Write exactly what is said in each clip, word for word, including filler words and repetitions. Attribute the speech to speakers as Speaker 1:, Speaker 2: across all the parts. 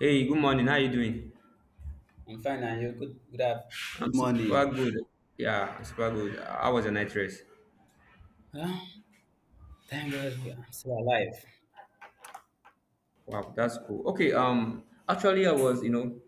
Speaker 1: Hey, good morning. How you doing?
Speaker 2: I'm fine, and you good? Good af-
Speaker 1: I'm super good. Yeah, I'm super good. How was your night rest?
Speaker 2: Huh? Thank God we- I'm still alive.
Speaker 1: Wow, that's cool. Okay, um, actually, I was, you know,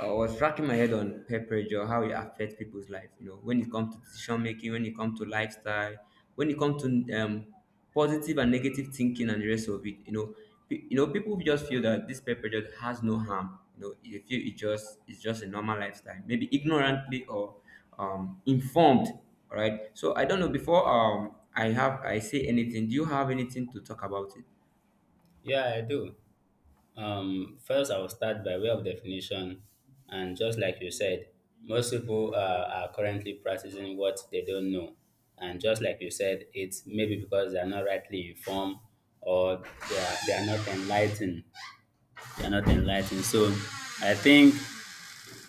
Speaker 1: I was racking my head on peer pressure, how it affects people's life. You know, when it comes to decision making, when it comes to lifestyle, when it comes to um, positive and negative thinking and the rest of it. You know, pe- you know, people just feel that this peer pressure has no harm. You know, they feel it just it's just a normal lifestyle, maybe ignorantly or um informed. All right. So I don't know. Before um I have I say anything, do you have anything to talk about it?
Speaker 2: Yeah, I do. Um, first, I will start by way of definition, and just like you said, most people uh, are currently practicing what they don't know, and just like you said, it's maybe because they are not rightly informed or they are, they are not enlightened. They are not enlightened. So, I think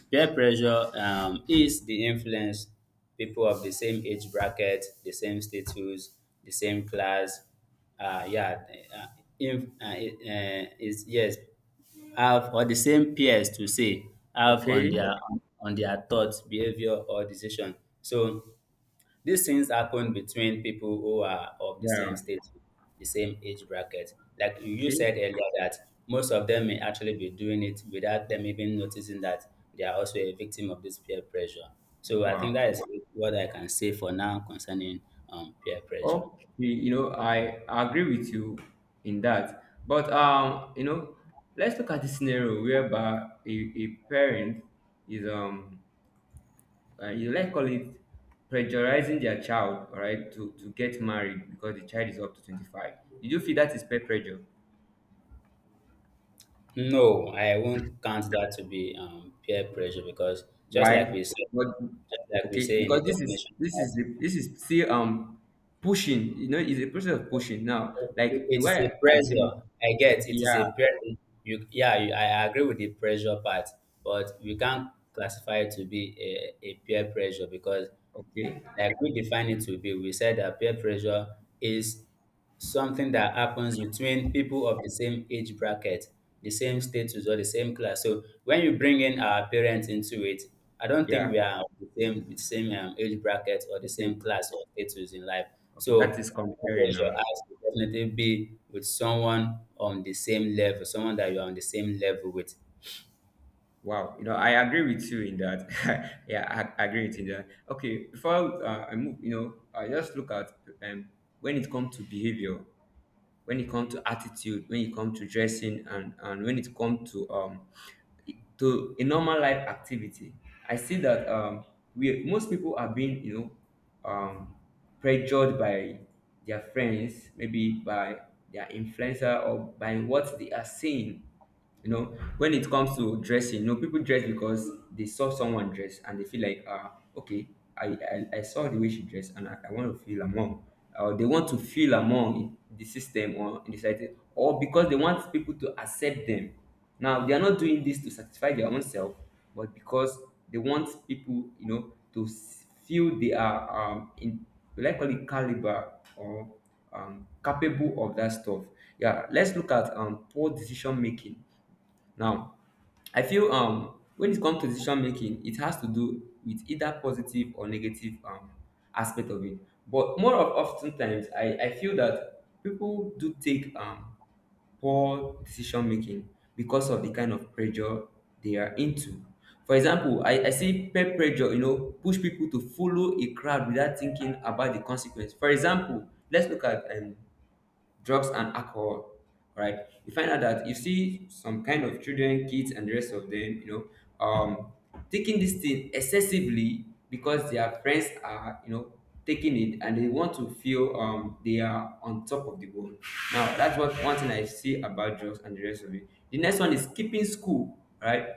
Speaker 2: peer pressure um, is the influence people of the same age bracket, the same status, the same class, uh, yeah, uh, inf- uh, uh, is yes, have, or the same peers to say, have on
Speaker 1: Okay.
Speaker 2: their on their thoughts, behavior, or decision. So these things happen between people who are of the same
Speaker 1: Yeah.
Speaker 2: state, the same age bracket. Like you
Speaker 1: Okay.
Speaker 2: said earlier, that most of them may actually be doing it without them even noticing that they are also a victim of this peer pressure. So I think
Speaker 1: Wow.
Speaker 2: that is what I can say for now concerning um, peer pressure.
Speaker 1: Okay. You you know, I agree with you in that. But um, you know, let's look at the scenario whereby a, a parent is um, uh, you let's call it pressurizing their child, all right, to to get married because the child is up to twenty five. Did you feel that is peer pressure?
Speaker 2: No, I won't count that to be um, peer pressure because just like we
Speaker 1: Why?
Speaker 2: said,
Speaker 1: What?
Speaker 2: just like we
Speaker 1: Okay,
Speaker 2: say in the
Speaker 1: because this is
Speaker 2: definition,
Speaker 1: this is the this is still um pushing. You know, it's a process of pushing now. Like the way
Speaker 2: it's a
Speaker 1: I say,
Speaker 2: pressure. I get it is
Speaker 1: yeah,
Speaker 2: a pressure. You, yeah, you, I agree with the pressure part, but we can't classify it to be a, a peer pressure because
Speaker 1: okay.
Speaker 2: like we define it to be, we said that peer pressure is something that happens between people of the same age bracket, the same status or the same class. So when you bring in our parents into it, I don't think
Speaker 1: Yeah.
Speaker 2: we are the same the same um, age bracket or the
Speaker 1: Okay.
Speaker 2: same class or status in life.
Speaker 1: Okay. That
Speaker 2: So
Speaker 1: is
Speaker 2: peer
Speaker 1: comparing now.
Speaker 2: pressure has to definitely be with someone on the same level, someone that you're on the same level with.
Speaker 1: Wow. You know, I agree with you in that. yeah, I, I agree with you in that. Okay. Before uh, I move, you know, I just look at um, when it comes to behavior, when it comes to attitude, when it comes to dressing, and and when it comes to um to a normal life activity. I see that um, we most people are being you know um, pressured by their friends, maybe by their influencer or by what they are seeing. You know, when it comes to dressing, you know, people dress because they saw someone dress and they feel like, uh, okay, I, I, I saw the way she dressed and I, I want to feel among. Or they want to feel among in the system or in the society, or because they want people to accept them now they are not doing this to satisfy their own self, but because they want people, you know, to s- feel they are um in likely caliber or um capable of that stuff. Yeah, let's look at um poor decision making. Now, I feel um when it comes to decision making, it has to do with either positive or negative um aspect of it. But more of oftentimes, I I feel that people do take um poor decision making because of the kind of pressure they are into. For example, I, I see peer pressure, you know, push people to follow a crowd without thinking about the consequence. For example, let's look at um, drugs and alcohol. All right, you find out that you see some kind of children, kids, and the rest of them, you know um taking this thing excessively because their friends are, you know, taking it and they want to feel um they are on top of the world. Now that's what one thing I see about drugs and the rest of it. The next one is skipping school, right?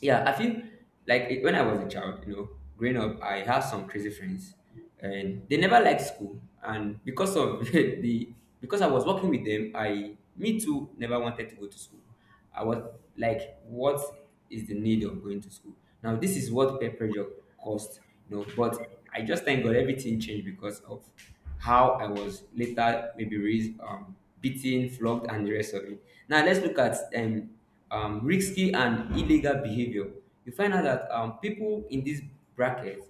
Speaker 1: Yeah, I feel like it. When I was a child, you know, growing up, I had some crazy friends and they never liked school, and because of the because I was working with them, I me too never wanted to go to school. I was like, what is the need of going to school? Now this is what peer pressure caused, you know. But I just thank God everything changed because of how I was later maybe raised, um beaten, flogged, and the rest of it. Now let's look at um um, risky and illegal behavior. You find out that um, people in this bracket,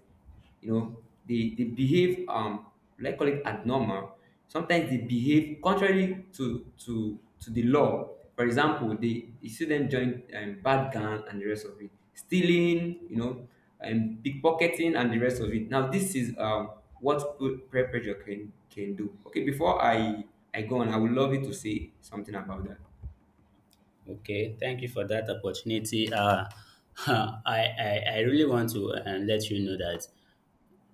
Speaker 1: you know, they they behave um let's call it abnormal. Sometimes they behave contrary to to to the law. For example, they you see them join um, bad gang and the rest of it, stealing, you know, and pickpocketing and the rest of it. Now this is um what pe- peer pressure can can do. Okay, before i i go on, I would love you to say something about that.
Speaker 2: Okay, thank you for that opportunity. Uh, I, I, I really want to uh, let you know that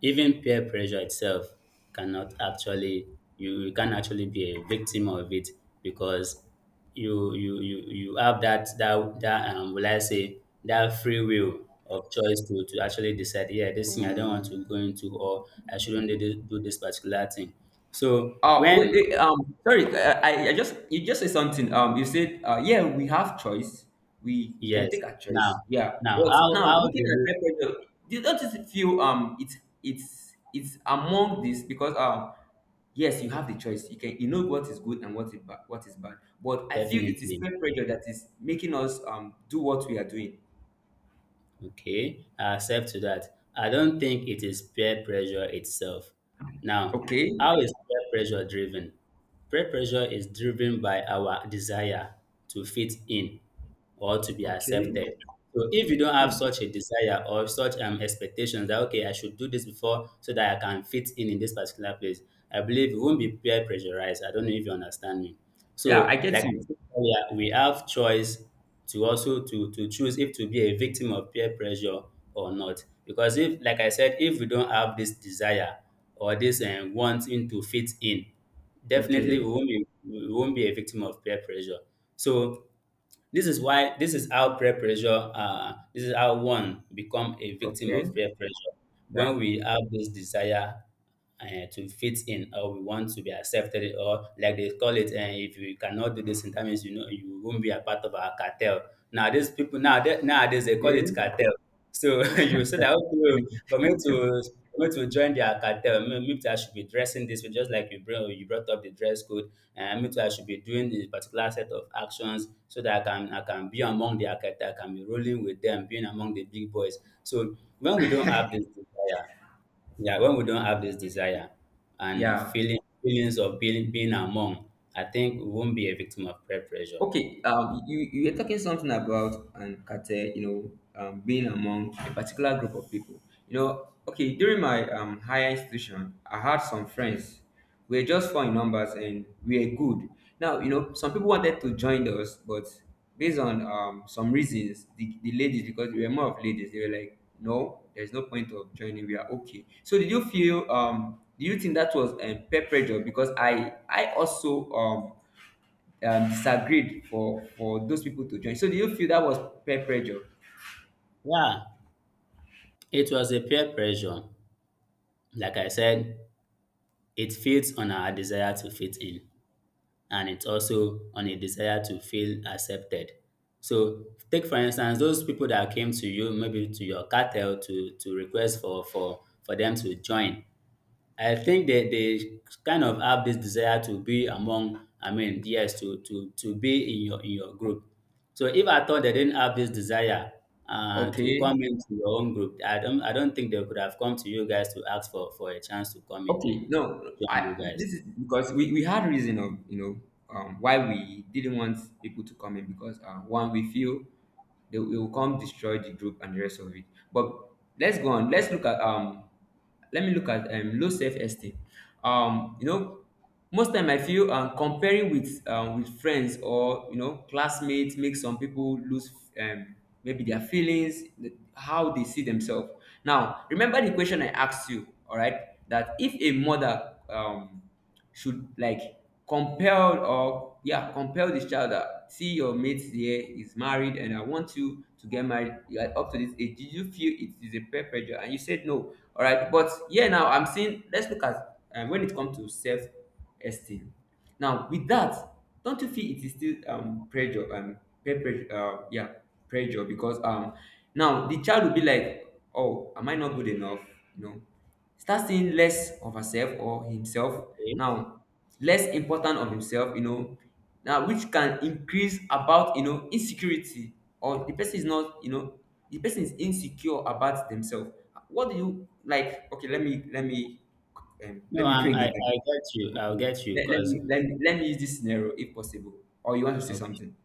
Speaker 2: even peer pressure itself cannot actually, you, you can actually be a victim of it because you you you, you have that that that um, will, I say that free will of choice to, to actually decide, yeah, this thing I don't want to go into or I shouldn't do this, do this particular thing. So
Speaker 1: Oh, wait,
Speaker 2: when
Speaker 1: wait, um, sorry, uh, I, I just you just said something. Um, you said, uh, yeah, we have choice. We we can
Speaker 2: Yes.
Speaker 1: take a
Speaker 2: now
Speaker 1: choice. Yeah,
Speaker 2: now how
Speaker 1: but now
Speaker 2: how
Speaker 1: looking
Speaker 2: Do
Speaker 1: at
Speaker 2: you
Speaker 1: peer pressure, do you don't just feel um it's it's it's among this because um yes, you have the choice. You can you know what is good and what is bad, what is bad. But I feel it is
Speaker 2: definitely.
Speaker 1: peer pressure that is making us um do what we are doing.
Speaker 2: Okay, I accept to that. I don't think it is peer pressure itself. Now,
Speaker 1: Okay,
Speaker 2: how is peer pressure driven? Peer pressure is driven by our desire to fit in or to be
Speaker 1: okay,
Speaker 2: accepted. So if you don't have
Speaker 1: hmm.
Speaker 2: such a desire or such um expectations that, okay, I should do this before so that I can fit in in this particular place, I believe you won't be peer pressurized. I don't know if you understand me.
Speaker 1: Yeah, I
Speaker 2: So
Speaker 1: get
Speaker 2: like
Speaker 1: you.
Speaker 2: I said earlier, we have choice to also to to choose if to be a victim of peer pressure or not. Because if like I said, if we don't have this desire or this um, wanting to fit in, definitely
Speaker 1: Okay,
Speaker 2: we won't be we won't be a victim of peer pressure. So this is why, this is how peer pressure uh, this is how one become a victim
Speaker 1: okay,
Speaker 2: of peer pressure when
Speaker 1: yeah,
Speaker 2: we have this desire uh, to fit in or we want to be accepted, or like they call it, and if you cannot do this in, that means you know you won't be a part of our cartel. Now these people, now nowadays they call it
Speaker 1: okay,
Speaker 2: cartel. So you said that, okay,
Speaker 1: eh,
Speaker 2: for me to for me to join their cartel, me- me too, I should be dressing this way, just like you bring you brought up the dress code, and me too, I should be doing the particular set of actions so that I can I can be among their cartel, I can be rolling with them, being among the big boys. So when we don't have this desire, yeah, when we don't have this desire and
Speaker 1: yeah.
Speaker 2: feeling feelings of being being among, I think we won't be a victim of peer pressure.
Speaker 1: Okay, um, you you were talking something about and Kate, you know, um, being among a particular group of people. You know, okay, during my um, higher institution, I had some friends. We were just four in numbers and we were good. Now, you know, some people wanted to join us, but based on um, some reasons, the, the ladies, because they were more of ladies, they were like, no, there's no point of joining. We are okay. So, did you feel, um, do you think that was um, peer pressure? Because I, I also, um, um, disagreed for for those people to join. So do you feel that was peer pressure?
Speaker 2: Yeah, it was a peer pressure. Like I said, it feeds on our desire to fit in, and it's also on a desire to feel accepted. So take for instance those people that came to you, maybe to your cartel to to request for for for them to join. I think they they kind of have this desire to be among, I mean, yes, to to to be in your in your group. So if I thought they didn't have this desire uh, to
Speaker 1: Okay,
Speaker 2: come into your own group, I don't I don't think they could have come to you guys to ask for for a chance to come in,
Speaker 1: okay. No,
Speaker 2: join you
Speaker 1: I
Speaker 2: guys.
Speaker 1: this is because we, we had reason of, you know, um, why we didn't want people to come in because uh, one, we feel they will come destroy the group and the rest of it. But let's go on. Let's look at um. Let me look at um low self esteem. Um, you know, most time I feel um comparing with um with friends or, you know, classmates, makes some people lose um maybe their feelings, the- how they see themselves. Now remember the question I asked you, all right, that if a mother um should like compel or, yeah, compel this child that, see, your mate here is married and I want you to get married, you are up to this age. Did you feel it is a peer pressure? And you said no, all right? But yeah, now I'm seeing, let's look at um, when it comes to self esteem. Now, with that, don't you feel it is still um pressure, um peer pressure, uh, yeah, pressure? Because um now the child will be like, oh, am I not good enough? You know, start seeing less of herself or himself,
Speaker 2: Okay?
Speaker 1: now less important of himself, you know, now which can increase about, you know, insecurity, or the person is not, you know, the person is insecure about themselves. What do you like, okay, let me let me um,
Speaker 2: No,
Speaker 1: let me
Speaker 2: I'm,
Speaker 1: bring
Speaker 2: I
Speaker 1: it back.
Speaker 2: I get you. I'll
Speaker 1: Okay.
Speaker 2: get you
Speaker 1: Let, let me
Speaker 2: because
Speaker 1: let, me- let me use this scenario if possible. Or you want to say
Speaker 2: okay.
Speaker 1: something?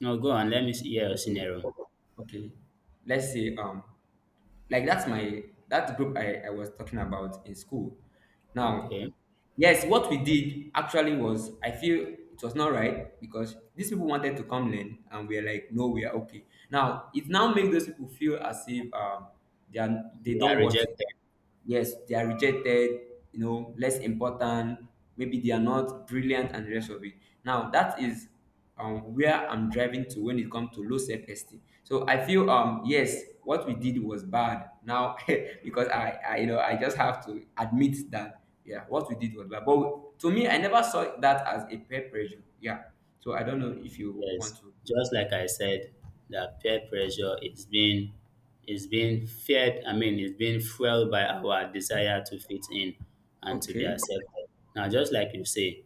Speaker 2: No, go on. Let me see- hear your
Speaker 1: Okay.
Speaker 2: scenario.
Speaker 1: Okay. Let's say um like that's my that group I, I was talking about in school. Now,
Speaker 2: Okay,
Speaker 1: yes, what we did actually was, I feel it was not right because these people wanted to come learn and we are like, no, we are okay. Now it now makes those people feel as if um they are they
Speaker 2: they are
Speaker 1: don't want it.
Speaker 2: rejected.
Speaker 1: Yes, they are rejected, you know, less important, maybe they are not brilliant and the rest of it. Now, that is um, where I'm driving to when it comes to low self esteem. So I feel, um, yes, what we did was bad now. Because I, I, you know, I just have to admit that, yeah, what we did was bad. But to me, I never saw that as a peer pressure. Yeah. So I don't know if you want
Speaker 2: Yes,
Speaker 1: to,
Speaker 2: just
Speaker 1: yeah.
Speaker 2: like I said, that peer pressure is being, is being feared. I mean, it's being fueled by our desire to fit in and to be
Speaker 1: Okay.
Speaker 2: accepted. Now, just like you say,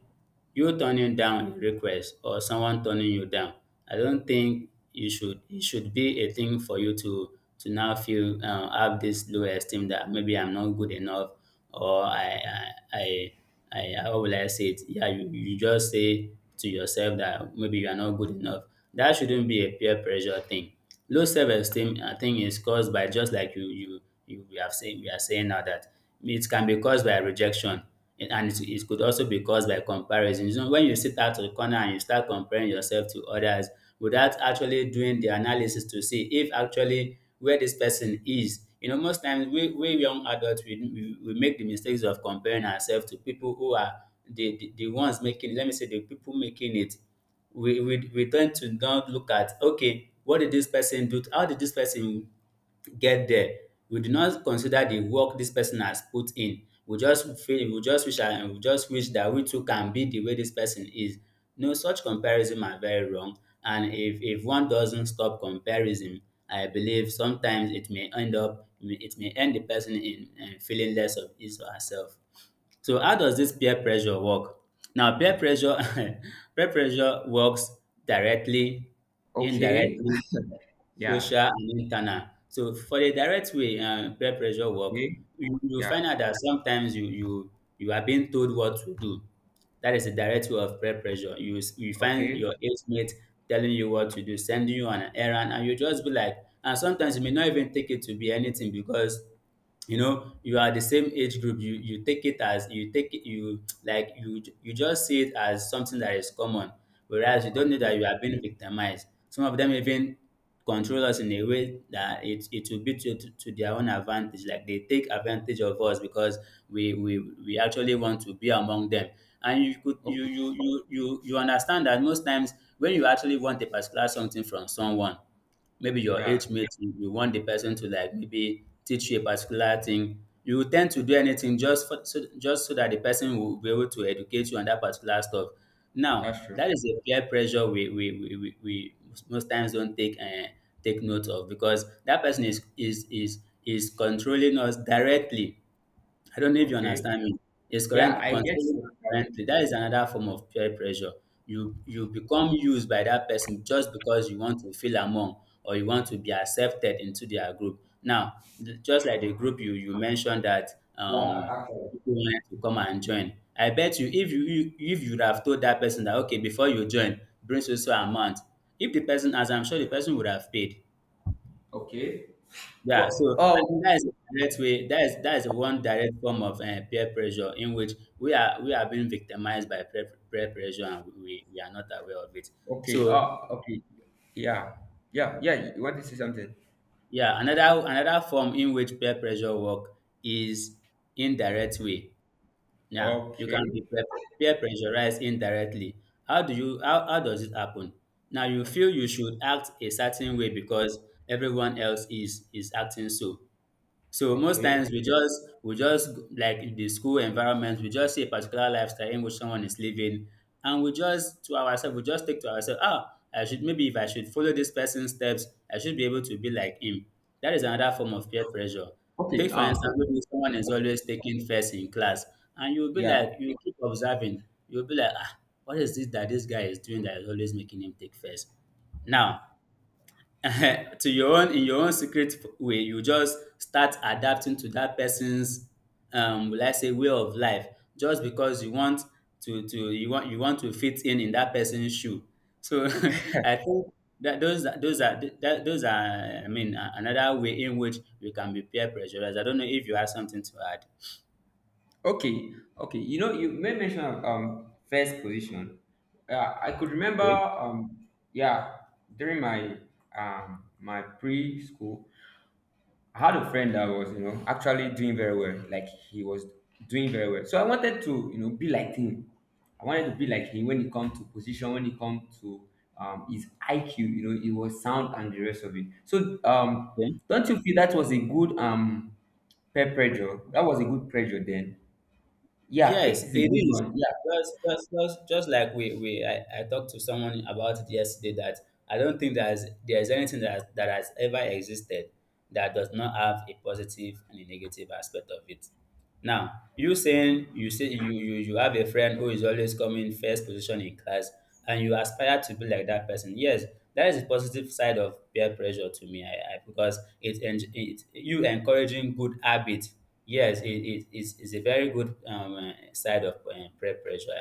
Speaker 2: you turning down a request or someone turning you down, I don't think you should it should be a thing for you to to now feel um, have this low esteem that maybe I'm not good enough, or I I I, I how will I say it? Yeah, you, you just say to yourself that maybe you are not good enough. That shouldn't be a peer pressure thing. Low self-esteem, I think, is caused by, just like you you you we have saying, we are saying now that it can be caused by rejection, and and it it could also be caused by comparison. You know, when you sit out to the corner and you start comparing yourself to others without actually doing the analysis to see if actually where this person is. You know, most times we, we young adults, we, we, we make the mistakes of comparing ourselves to people who are the, the, the ones making, let me say the people making it, we we we tend to now look at, okay, what did this person do, how did this person get there? We do not consider the work this person has put in. We just feel, we just wish, and we just wish that we too can be the way this person is. No, such comparison are very wrong, and if if one doesn't stop comparison, I believe sometimes it may end up, it may end the person in, in feeling less of his or herself. So how does this peer pressure work? Now, peer pressure, peer pressure works directly,
Speaker 1: Okay.
Speaker 2: indirectly,
Speaker 1: Yeah.
Speaker 2: social and internal. So for the direct way, uh, peer pressure work,
Speaker 1: Okay.
Speaker 2: you, you
Speaker 1: Yeah.
Speaker 2: find out that sometimes you you you are being told what to do. That is the direct way of peer pressure. You s- you find
Speaker 1: Okay.
Speaker 2: your age mate telling you what to do, sending you on an errand, and you just be like, and sometimes you may not even take it to be anything because you know you are the same age group, you you take it as, you take it, you like, you you just see it as something that is common, whereas you don't know
Speaker 1: Okay.
Speaker 2: that you are being victimized. Some of them even control us in a way that it it will be to, to, to their own advantage. Like they take advantage of us because we we we actually want to be among them. And you could, you
Speaker 1: Okay.
Speaker 2: you you you, you understand that most times when you actually want a particular something from someone, maybe your
Speaker 1: Yeah.
Speaker 2: age mate, you, you want the person to, like, maybe teach you a particular thing. You will tend to do anything just for, so, just so that the person will be able to educate you on that particular stuff. Now,
Speaker 1: That's true.
Speaker 2: that is a peer pressure we, we, we, we, we most times don't take uh, take note of, because that person is, is is is controlling us directly. I don't know if you
Speaker 1: Okay.
Speaker 2: understand me. It's
Speaker 1: Yeah,
Speaker 2: current
Speaker 1: I guess
Speaker 2: controlling
Speaker 1: so.
Speaker 2: currently. That is another form of peer pressure. You you become used by that person just because you want to feel among or you want to be accepted into their group. Now, th- just like the group you, you mentioned that
Speaker 1: Yeah,
Speaker 2: um
Speaker 1: actually.
Speaker 2: people wanted to come and join. I bet you, if you, you if you would have told that person that, okay, before you join, bring so so amount. If the person, as I'm sure the person would have paid.
Speaker 1: Okay.
Speaker 2: Yeah, so
Speaker 1: Well,
Speaker 2: I think
Speaker 1: oh,
Speaker 2: that is a direct way. That is, that is one direct form of uh, peer pressure in which we are we are being victimized by peer, peer pressure and we, we are not aware of it.
Speaker 1: okay.
Speaker 2: So
Speaker 1: Oh, okay. Yeah. Yeah. Yeah. You want to say something?
Speaker 2: yeah, another another form in which peer pressure work is indirect way. Yeah, you can be
Speaker 1: Okay.
Speaker 2: peer, peer pressurized indirectly. How do you how, how does it happen? Now you feel you should act a certain way because everyone else is is acting so. So most
Speaker 1: Okay.
Speaker 2: times we just we just like in the school environment, we just see a particular lifestyle in which someone is living, and we just to ourselves, we just think to ourselves, ah, I should maybe if I should follow this person's steps, I should be able to be like him. That is another form of peer pressure.
Speaker 1: Okay.
Speaker 2: Take for
Speaker 1: Um.
Speaker 2: instance, maybe someone is always taking first in class, and you'll be
Speaker 1: Yeah.
Speaker 2: like, you keep observing, you'll be like, ah, what is this that this guy is doing that is always making him take first? Now, to your own in your own secret way you just start adapting to that person's um will I say way of life just because you want to to you want you want to fit in in that person's shoe. So I think that those are those are that those are I mean a- another way in which we can be peer pressurized. I don't know if you have something to add.
Speaker 1: Okay. Okay. You know, you may mention um first position. Uh, I could remember
Speaker 2: Okay.
Speaker 1: um yeah during my um my preschool I had a friend that was, you know, actually doing very well. Like he was doing very well. So I wanted to, you know, be like him. I wanted to be like him when it comes to position, when it comes to um, his I Q, you know, it was sound and the rest of it. So um, don't you feel that was a good um peer pressure? That was a good pressure then. Yeah, it
Speaker 2: Yes,
Speaker 1: is a
Speaker 2: it
Speaker 1: good
Speaker 2: is.
Speaker 1: one. Yeah.
Speaker 2: Just, just, just, just like we, we I, I talked to someone about it yesterday that I don't think there's there's anything that has, that has ever existed that does not have a positive and a negative aspect of it. Now, you saying you say you you you have a friend who is always coming first position in class and you aspire to be like that person. Yes, that is the positive side of peer pressure to me. I, I because it, en- it, you encouraging good habit. Yes, it, it is is a very good um uh, side of uh, peer pressure.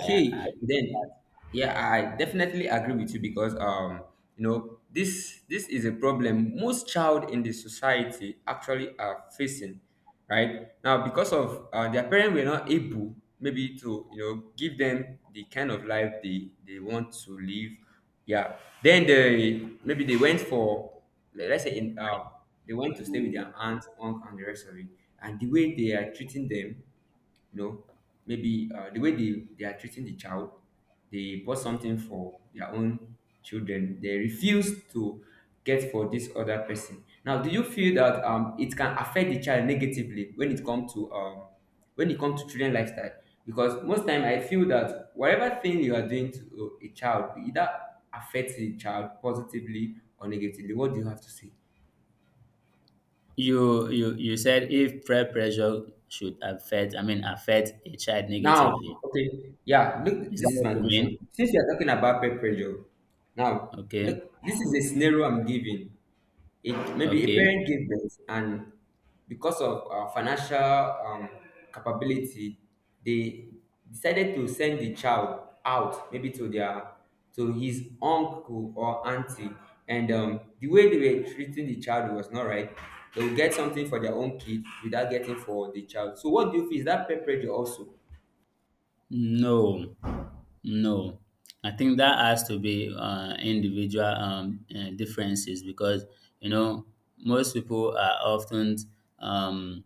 Speaker 2: I I, I, I I-
Speaker 1: then yeah, I definitely agree with you because um, you know, this this is a problem most child in the society actually are facing, right? Now, because of uh, their parents were not able maybe to you know give them the kind of life they they want to live. Yeah, then they maybe they went for le- let's say in uh, they went to stay with their aunt, uncle, and the rest of it, and the way they are treating them, you know maybe uh, the way they, they are treating the child, they bought something for their own children, they refuse to get for this other person. Now, do you feel that um, it can affect the child negatively when it comes to um, when it comes to children lifestyle? Because most time I feel that whatever thing you are doing to a child, it either affects the child positively or negatively. What do you have to say?
Speaker 2: you you you said if peer pressure should affect I mean affect a child
Speaker 1: Now,
Speaker 2: negatively.
Speaker 1: okay, yeah, look,
Speaker 2: Is that
Speaker 1: this is my
Speaker 2: what you
Speaker 1: question.
Speaker 2: mean?
Speaker 1: Since we are talking about peer pressure, now,
Speaker 2: Okay.
Speaker 1: look, this is a scenario I'm giving. It maybe a
Speaker 2: Okay.
Speaker 1: parent gave birth, and because of uh, financial um, capability, they decided to send the child out, maybe to their to his uncle or auntie, and um, the way they were treating the child was not right. They will get something for their own kid without getting for the child. So, what do you feel? Is that peer pressure also?
Speaker 2: No. No, I think that has to be uh, individual um, uh, differences because you know most people are often um,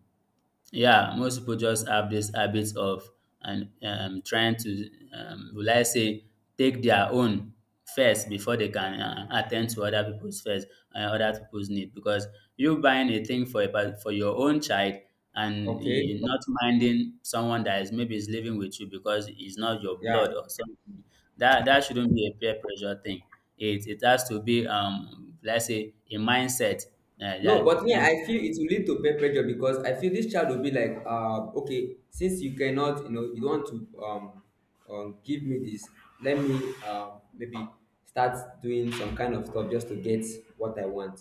Speaker 2: yeah, most people just have this habit of, and um, trying to, um, will I say, take their own first before they can uh, attend to other people's first and other people's need. Because you buying a thing for a pa- for your own child and
Speaker 1: Okay.
Speaker 2: you not minding someone that is maybe is living with you because it's not your
Speaker 1: Yeah.
Speaker 2: blood or something. That that shouldn't be a peer pressure thing. It it has to be, um, let's say a mindset, uh,
Speaker 1: No,
Speaker 2: that
Speaker 1: but me,
Speaker 2: like...
Speaker 1: I feel it will lead to peer pressure because I feel this child will be like, uh, okay, since you cannot, you know, you don't want to um, um give me this, let me, uh, maybe, start doing some kind of stuff just to get what I want.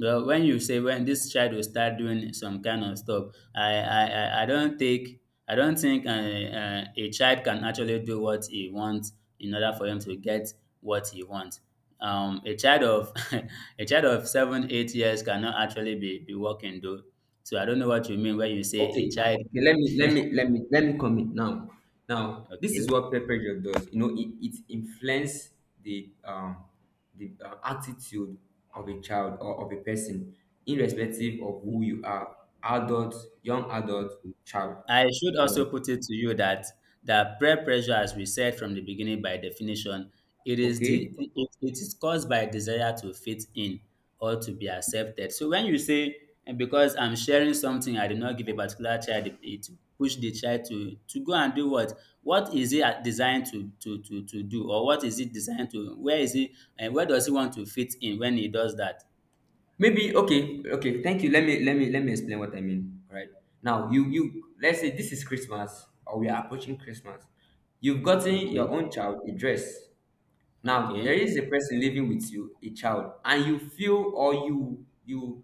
Speaker 2: Well, when you say when this child will start doing some kind of stuff, I I, I I don't think... I don't think uh, uh, a child can actually do what he wants in order for him to get what he wants. Um, a child of a child of seven eight years cannot actually be be working though. So I don't know what you mean when you say a
Speaker 1: Okay,
Speaker 2: child.
Speaker 1: okay. Let me let me let me let me comment now. Now, this is
Speaker 2: Okay.
Speaker 1: what Pepper Job does. You know, it, it influences the um the uh, attitude of a child or of a person, irrespective of who you are, adult, young adult, child.
Speaker 2: I should
Speaker 1: Now,
Speaker 2: also put it to you that that peer pressure, as we said from the beginning, by definition, it is the
Speaker 1: okay,
Speaker 2: it, it is caused by desire to fit in or to be accepted. So when you say "And because I'm sharing something, I did not give a particular child it, it push the child to to go and do what? What is it at- designed to to to to do, or what is it designed to? Where is it and where does he want to fit in when he does that?"
Speaker 1: maybe okay, okay. Thank you. Let me let me let me explain what I mean. All right. Now, you you let's say this is Christmas or we are approaching Christmas. You've gotten your
Speaker 2: Okay,
Speaker 1: own child a dress. Now there
Speaker 2: okay.
Speaker 1: is a person living with you, a child, and you feel or you you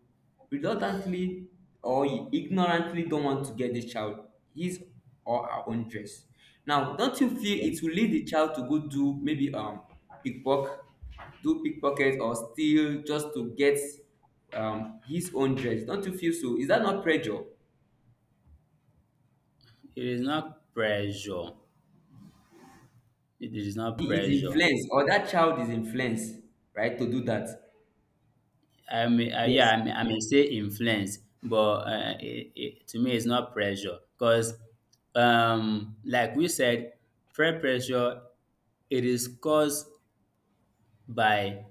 Speaker 1: reluctantly or you ignorantly don't want to get the child his or her own dress. Now, don't you feel
Speaker 2: Okay.
Speaker 1: it will lead the child to go do maybe um pickpocket, do pickpocket or steal just to get um his own dress? Don't you feel so? Is that not pressure?
Speaker 2: It is not pressure. It is not
Speaker 1: He is
Speaker 2: pressure.
Speaker 1: influenced, or that child is influenced, right, to do that.
Speaker 2: I mean, uh, yeah,
Speaker 1: Yes.
Speaker 2: I mean, I may say influence, but uh, it, it, to me, it's not pressure because, um, like we said, peer pressure, it is caused by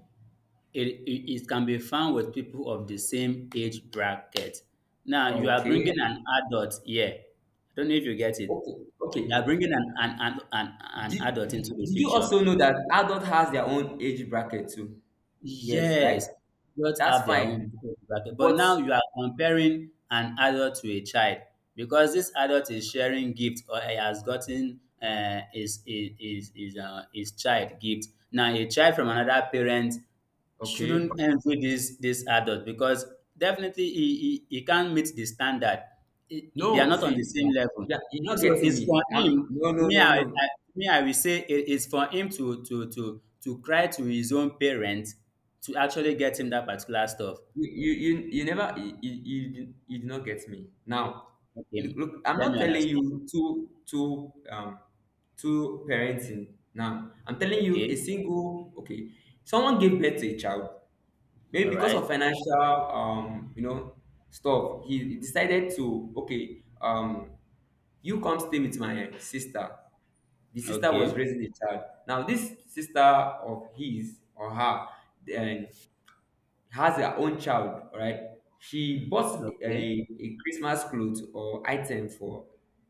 Speaker 2: it, it. It can be found with people of the same age bracket. Now you are
Speaker 1: Okay.
Speaker 2: bringing an adult here. I don't know if you get it.
Speaker 1: Okay. Okay.
Speaker 2: You are bringing an an, an, an, an
Speaker 1: Did,
Speaker 2: adult into
Speaker 1: did
Speaker 2: the
Speaker 1: you
Speaker 2: picture.
Speaker 1: also know that adult has their own age bracket too? Yes, right?
Speaker 2: Yes, adults
Speaker 1: That's
Speaker 2: have their
Speaker 1: fine.
Speaker 2: own bracket. But
Speaker 1: But
Speaker 2: now you are comparing an adult to a child because this adult is sharing gift or he has gotten, uh, his, his, his, his, uh, his child gift. Now, a child from another parent shouldn't
Speaker 1: okay.
Speaker 2: envy this this adult because definitely he, he, he can't meet the standard. He- he- they are
Speaker 1: No,
Speaker 2: not on the
Speaker 1: see,
Speaker 2: same level.
Speaker 1: yeah, you're not
Speaker 2: So
Speaker 1: getting
Speaker 2: it's for
Speaker 1: me. I
Speaker 2: him.
Speaker 1: No, no,
Speaker 2: Me,
Speaker 1: no,
Speaker 2: I, I
Speaker 1: no.
Speaker 2: me, I will say it is for him to to to to cry to his own parents to actually get him that particular stuff.
Speaker 1: You, you, you, you never, you, you, you you did not get me. Now, look,
Speaker 2: Okay,
Speaker 1: look, I'm
Speaker 2: let
Speaker 1: not
Speaker 2: me
Speaker 1: telling
Speaker 2: understand.
Speaker 1: you two, two, um, two parenting. Now, I'm telling you a
Speaker 2: Okay,
Speaker 1: single, okay, someone gave birth to a child. Maybe
Speaker 2: all
Speaker 1: because of
Speaker 2: right.
Speaker 1: financial um you know stuff, he decided to, okay, um you come stay with my sister. The sister was
Speaker 2: Okay,
Speaker 1: raising a child. Now this sister of his or her, then, has her own child, right? She bought
Speaker 2: okay,
Speaker 1: a, a Christmas clothes or item for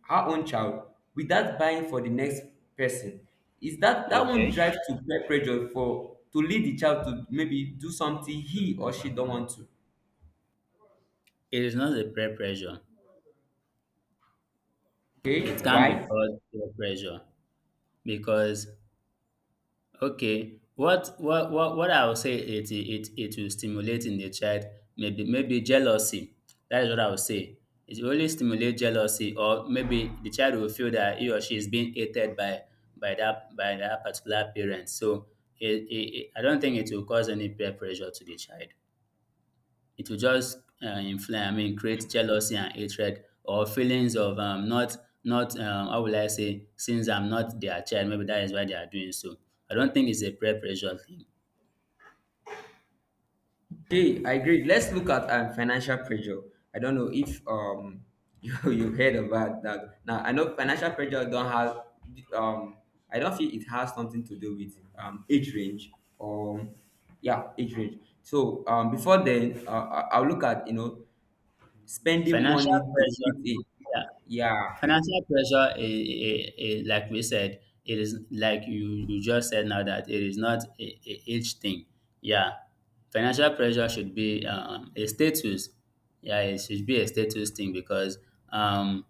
Speaker 1: her own child without buying for the next person. Is that, that won't
Speaker 2: okay.
Speaker 1: drive to peer pressure for to lead the child to maybe do something he or she don't want to?
Speaker 2: It is not a peer pressure.
Speaker 1: Okay,
Speaker 2: It can be
Speaker 1: why?
Speaker 2: called peer pressure because... Okay. What what what what I would say it it it will stimulate in the child maybe maybe jealousy. That is what I would say. It will only stimulate jealousy, or maybe the child will feel that he or she is being hated by by that by that particular parent. So it, it, it- I don't think it will cause any peer pressure to the child. It will just, uh, inflame, I mean, create jealousy and hatred or feelings of, um, not, not, um, how will I say, since I'm not their child, maybe that is why they are doing so. I don't think it's a peer pressure thing.
Speaker 1: Okay, I agree. Let's look at um, financial pressure. I don't know if um you you heard about that. Now I know financial pressure don't have um I don't feel it has something to do with um age range or, yeah, age range. So um before then, uh, I- I'll look at, you know, spending
Speaker 2: Financial
Speaker 1: money to fit in.
Speaker 2: pressure, yeah,
Speaker 1: Yeah.
Speaker 2: financial pressure, i i i like we said, it is like you, you just said now that it is not a, a age thing. Yeah, financial pressure should be, um, a status. Yeah, it should be a status thing because, um,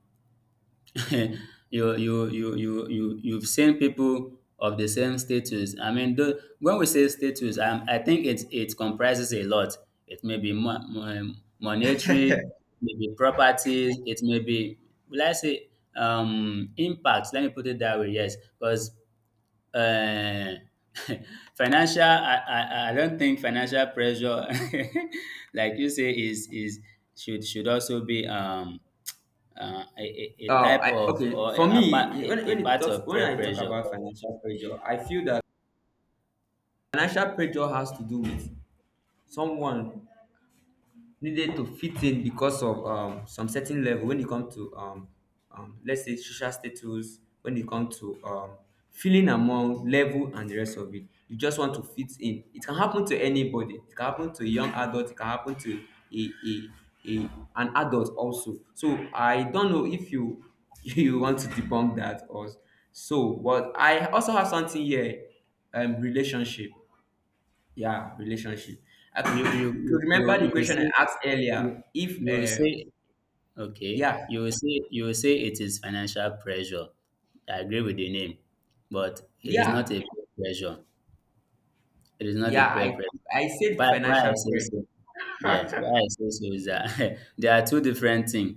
Speaker 2: you you you you you you've seen people of the same status. I mean, though, when we say status, um, I think it it comprises a lot. It may be mo- mo- um, monetary, maybe properties. It may be, will I say, um, impact. Let me put it that way. Yes, because, uh, financial. I, I I don't think financial pressure, like you say, is is should should also be, um, uh, a, a, a
Speaker 1: Uh,
Speaker 2: type
Speaker 1: I,
Speaker 2: of
Speaker 1: okay,
Speaker 2: or a,
Speaker 1: for
Speaker 2: a,
Speaker 1: me,
Speaker 2: part- a
Speaker 1: when
Speaker 2: a
Speaker 1: when it
Speaker 2: part
Speaker 1: talks
Speaker 2: of
Speaker 1: when
Speaker 2: peer
Speaker 1: I talk
Speaker 2: pressure.
Speaker 1: about financial pressure, I feel that financial pressure has to do with someone needed to fit in because of um, some certain level when it comes to um, um, let's say social status, when it comes to um, feeling among level and the rest of it. You just want to fit in. It can happen to anybody. It can happen to a young adult. It can happen to a a, a an adult also. So I don't know if you you want to debunk that or so. But I also have something here, um relationship, yeah, relationship.
Speaker 2: You you
Speaker 1: I
Speaker 2: you
Speaker 1: could remember the
Speaker 2: you you will
Speaker 1: question I
Speaker 2: say
Speaker 1: asked earlier.
Speaker 2: you,
Speaker 1: If
Speaker 2: you will
Speaker 1: uh,
Speaker 2: say okay.
Speaker 1: yeah,
Speaker 2: You will say you will say it is financial pressure. I agree with the name, but it is not
Speaker 1: yeah,
Speaker 2: a peer pressure. It is not a
Speaker 1: yeah,
Speaker 2: peer
Speaker 1: I
Speaker 2: pressure.
Speaker 1: I said
Speaker 2: Why why
Speaker 1: financial
Speaker 2: I say
Speaker 1: pressure.
Speaker 2: so? Yes, why I say so is that there are two different things.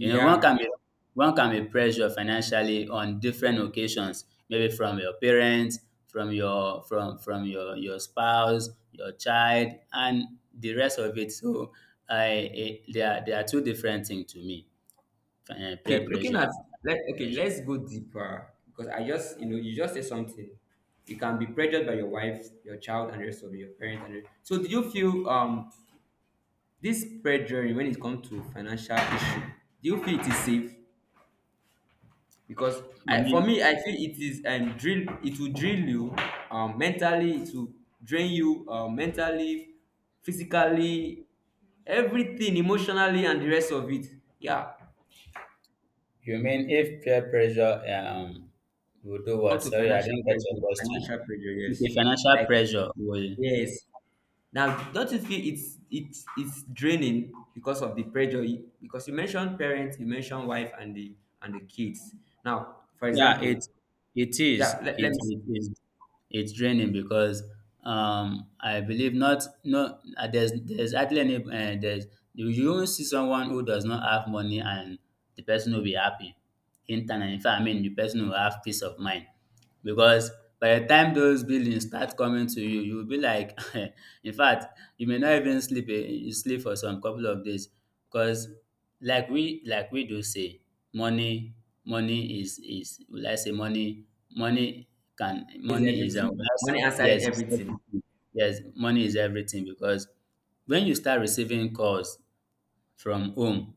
Speaker 2: You know, one can be, one can be pressured financially on different occasions, maybe from your parents, from your from from your your spouse, your child, and the rest of it. So, I, eh, they are, they are two different things to me. Eh, peer
Speaker 1: Okay, looking
Speaker 2: pressure
Speaker 1: at,
Speaker 2: and
Speaker 1: let okay,
Speaker 2: pressure.
Speaker 1: let's go deeper because I just, you know, you just said something. You can be pressured by your wife, your child, and the rest of your parents. And the- so, do you feel um this pressure when it comes to financial issue? Do you feel it is safe? Because I,
Speaker 2: You
Speaker 1: for me,
Speaker 2: mean
Speaker 1: I feel it is um drill it will drill you um mentally, it will drain you, um mentally, physically, everything, emotionally, and the rest of it, yeah.
Speaker 2: you mean if peer pressure, um, will do
Speaker 1: Come
Speaker 2: what?
Speaker 1: to
Speaker 2: Sorry, I
Speaker 1: financial
Speaker 2: didn't get your
Speaker 1: pressure,
Speaker 2: question.
Speaker 1: financial pressure, yes,
Speaker 2: Okay, financial
Speaker 1: like,
Speaker 2: pressure will...
Speaker 1: yes, now don't you feel it's it's it's draining because of the pressure you- because you mentioned parents, you mentioned wife and the and the kids. Now, for
Speaker 2: Yeah,
Speaker 1: example,
Speaker 2: it it
Speaker 1: yeah,
Speaker 2: is.
Speaker 1: let, let
Speaker 2: It
Speaker 1: me see.
Speaker 2: it is. It's draining because, um, I believe not, no, uh, there's there's hardly any, uh, there's, you you won't see someone who does not have money and the person will be happy internally. In fact, I mean the person will have peace of mind because by the time those billings start coming to you, you will be like, in fact, you may not even sleep. Eh, you sleep for some couple of days because, like we, like we do say, money, money is is will I say, money money can,
Speaker 1: Is
Speaker 2: money is, um, will
Speaker 1: everything
Speaker 2: I say
Speaker 1: money answered
Speaker 2: yes, it's
Speaker 1: everything?
Speaker 2: everything. Yes, money is everything because when you start receiving calls from home,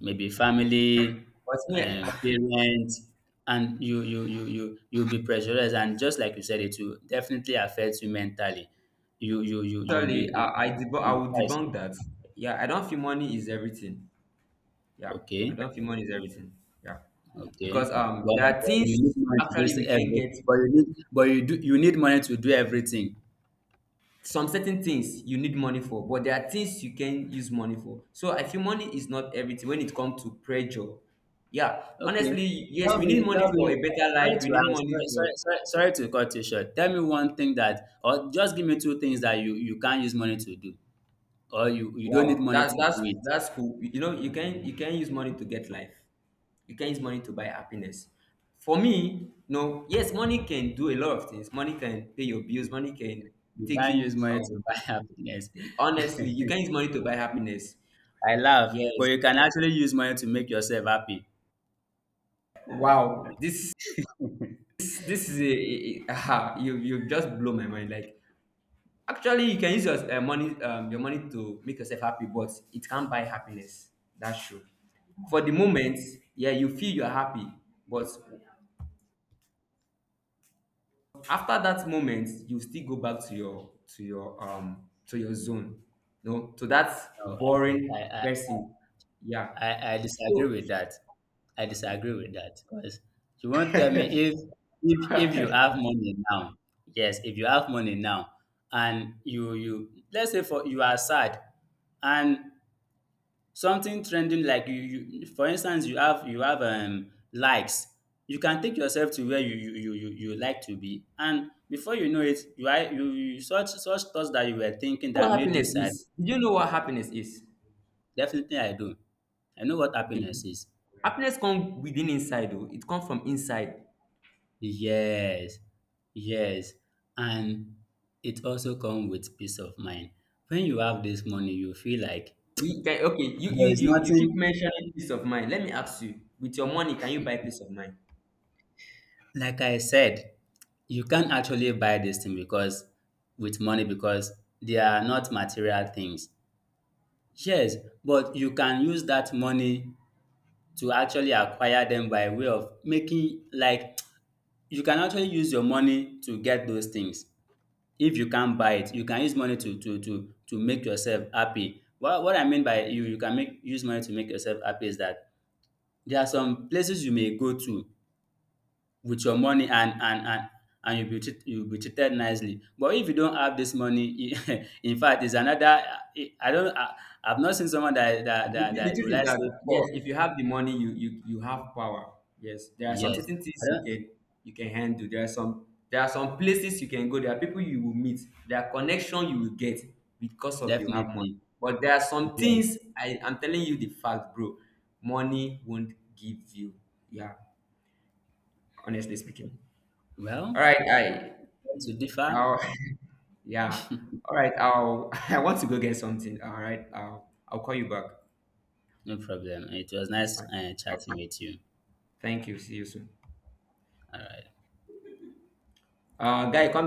Speaker 2: maybe family,
Speaker 1: But yeah,
Speaker 2: um, parents, and you you you you you'll be pressurized, and just like you said, it will definitely affect you mentally. You you you you'll
Speaker 1: actually,
Speaker 2: be
Speaker 1: I, I,
Speaker 2: you-
Speaker 1: debunk, I
Speaker 2: you-
Speaker 1: will debunk that. Yeah, I don't feel money is everything. Yeah, I
Speaker 2: okay.
Speaker 1: don't feel money is everything. Yeah, because
Speaker 2: Okay.
Speaker 1: um,
Speaker 2: But,
Speaker 1: there are
Speaker 2: but
Speaker 1: things,
Speaker 2: you need money to
Speaker 1: actually,
Speaker 2: do
Speaker 1: we can
Speaker 2: every.
Speaker 1: get
Speaker 2: But you need, but you do, you need money to do everything.
Speaker 1: some certain things you need money for, but there are things you can use money for. So I feel money is not everything when it comes to pressure. Yeah,
Speaker 2: Okay.
Speaker 1: honestly, yes,
Speaker 2: Tell
Speaker 1: we need
Speaker 2: me,
Speaker 1: money
Speaker 2: tell
Speaker 1: for
Speaker 2: me.
Speaker 1: a better
Speaker 2: Sorry
Speaker 1: life. We need
Speaker 2: to ask, sorry,
Speaker 1: money for,
Speaker 2: sorry, sorry, sorry to cut you short. Tell me one thing that, or just give me two things that you you can't use money to do, or you you don't need
Speaker 1: wow.
Speaker 2: money
Speaker 1: That
Speaker 2: to do
Speaker 1: that's
Speaker 2: it.
Speaker 1: that's cool. You know, you can you can use money to get life. You can use money to buy happiness. For me, no, yes, money can do a lot of things. Money can pay your bills. Money can
Speaker 2: You
Speaker 1: take
Speaker 2: can't use
Speaker 1: you.
Speaker 2: money
Speaker 1: Um,
Speaker 2: to buy happiness.
Speaker 1: honestly, you can use money to buy happiness.
Speaker 2: I laugh, but
Speaker 1: Yes.
Speaker 2: you can actually use money to make yourself happy.
Speaker 1: Wow. This this is a, a, you you just blow my mind. Like, actually, you can use your uh, money um, your money to make yourself happy, but it can't buy happiness. That's true. For the moment, yeah, you feel you're happy, but after that moment you still go back to your to your um to your zone, no, to that
Speaker 2: No, I,
Speaker 1: boring
Speaker 2: I, I,
Speaker 1: person, yeah.
Speaker 2: I, I disagree
Speaker 1: So
Speaker 2: with that. I disagree with that because you won't tell me if if if you have money now. Yes, if you have money now and you you let's say for you are sad and something trending like you, you for instance you have, you have, um, likes, you can take yourself to where you you you, you you like to be, and before you know it you are you, you such such thoughts that you were thinking
Speaker 1: what
Speaker 2: that made you
Speaker 1: happiness
Speaker 2: sad...
Speaker 1: is, do you know what happiness is?
Speaker 2: Definitely I do. I know what
Speaker 1: Okay.
Speaker 2: happiness is.
Speaker 1: Happiness come within inside o, it come from inside.
Speaker 2: Yes, yes, and it also comes with peace of mind. When you have this money, you feel like
Speaker 1: We can, okay, you you
Speaker 2: there is
Speaker 1: you you keep
Speaker 2: nothing.
Speaker 1: mentioning peace of mind. Let me ask you, with your money, can you buy peace of mind?
Speaker 2: Like I said, you can't actually buy this thing because with money because they are not material things. Yes, but you can use that money to actually acquire them by way of making like you can actually use your money to get those things. If you can't buy it, you can use money to to to to make yourself happy. what what I mean by you you can make use money to make yourself happy is that there are some places you may go to with your money and and and and you'll be treat, you'll be treated nicely, but if you don't have this money in fact it's another, I don't I, I've not seen someone that that that,
Speaker 1: The
Speaker 2: that
Speaker 1: truth
Speaker 2: will
Speaker 1: is
Speaker 2: like
Speaker 1: that,
Speaker 2: say
Speaker 1: yes,
Speaker 2: poor...
Speaker 1: if you have the money, you you you have power. Yes, there are some
Speaker 2: Yes,
Speaker 1: certain things
Speaker 2: I
Speaker 1: you
Speaker 2: don't...
Speaker 1: can you can handle. There are some, there are some places you can go. There are people you will meet. There are connections you will get because of you have money.
Speaker 2: Definitely,
Speaker 1: But there are some
Speaker 2: yes.
Speaker 1: things, I am telling you the fact, bro. Money won't give you. Yeah, honestly speaking. All
Speaker 2: Well,
Speaker 1: right, I,
Speaker 2: to differ...
Speaker 1: I'll, yeah. All right, I'll I want to go get something. All right, I'll I'll call you back.
Speaker 2: No problem, it was
Speaker 1: That's
Speaker 2: nice,
Speaker 1: fine.
Speaker 2: uh, chatting with you.
Speaker 1: Thank you. See you soon.
Speaker 2: All right.
Speaker 1: Uh, guy, come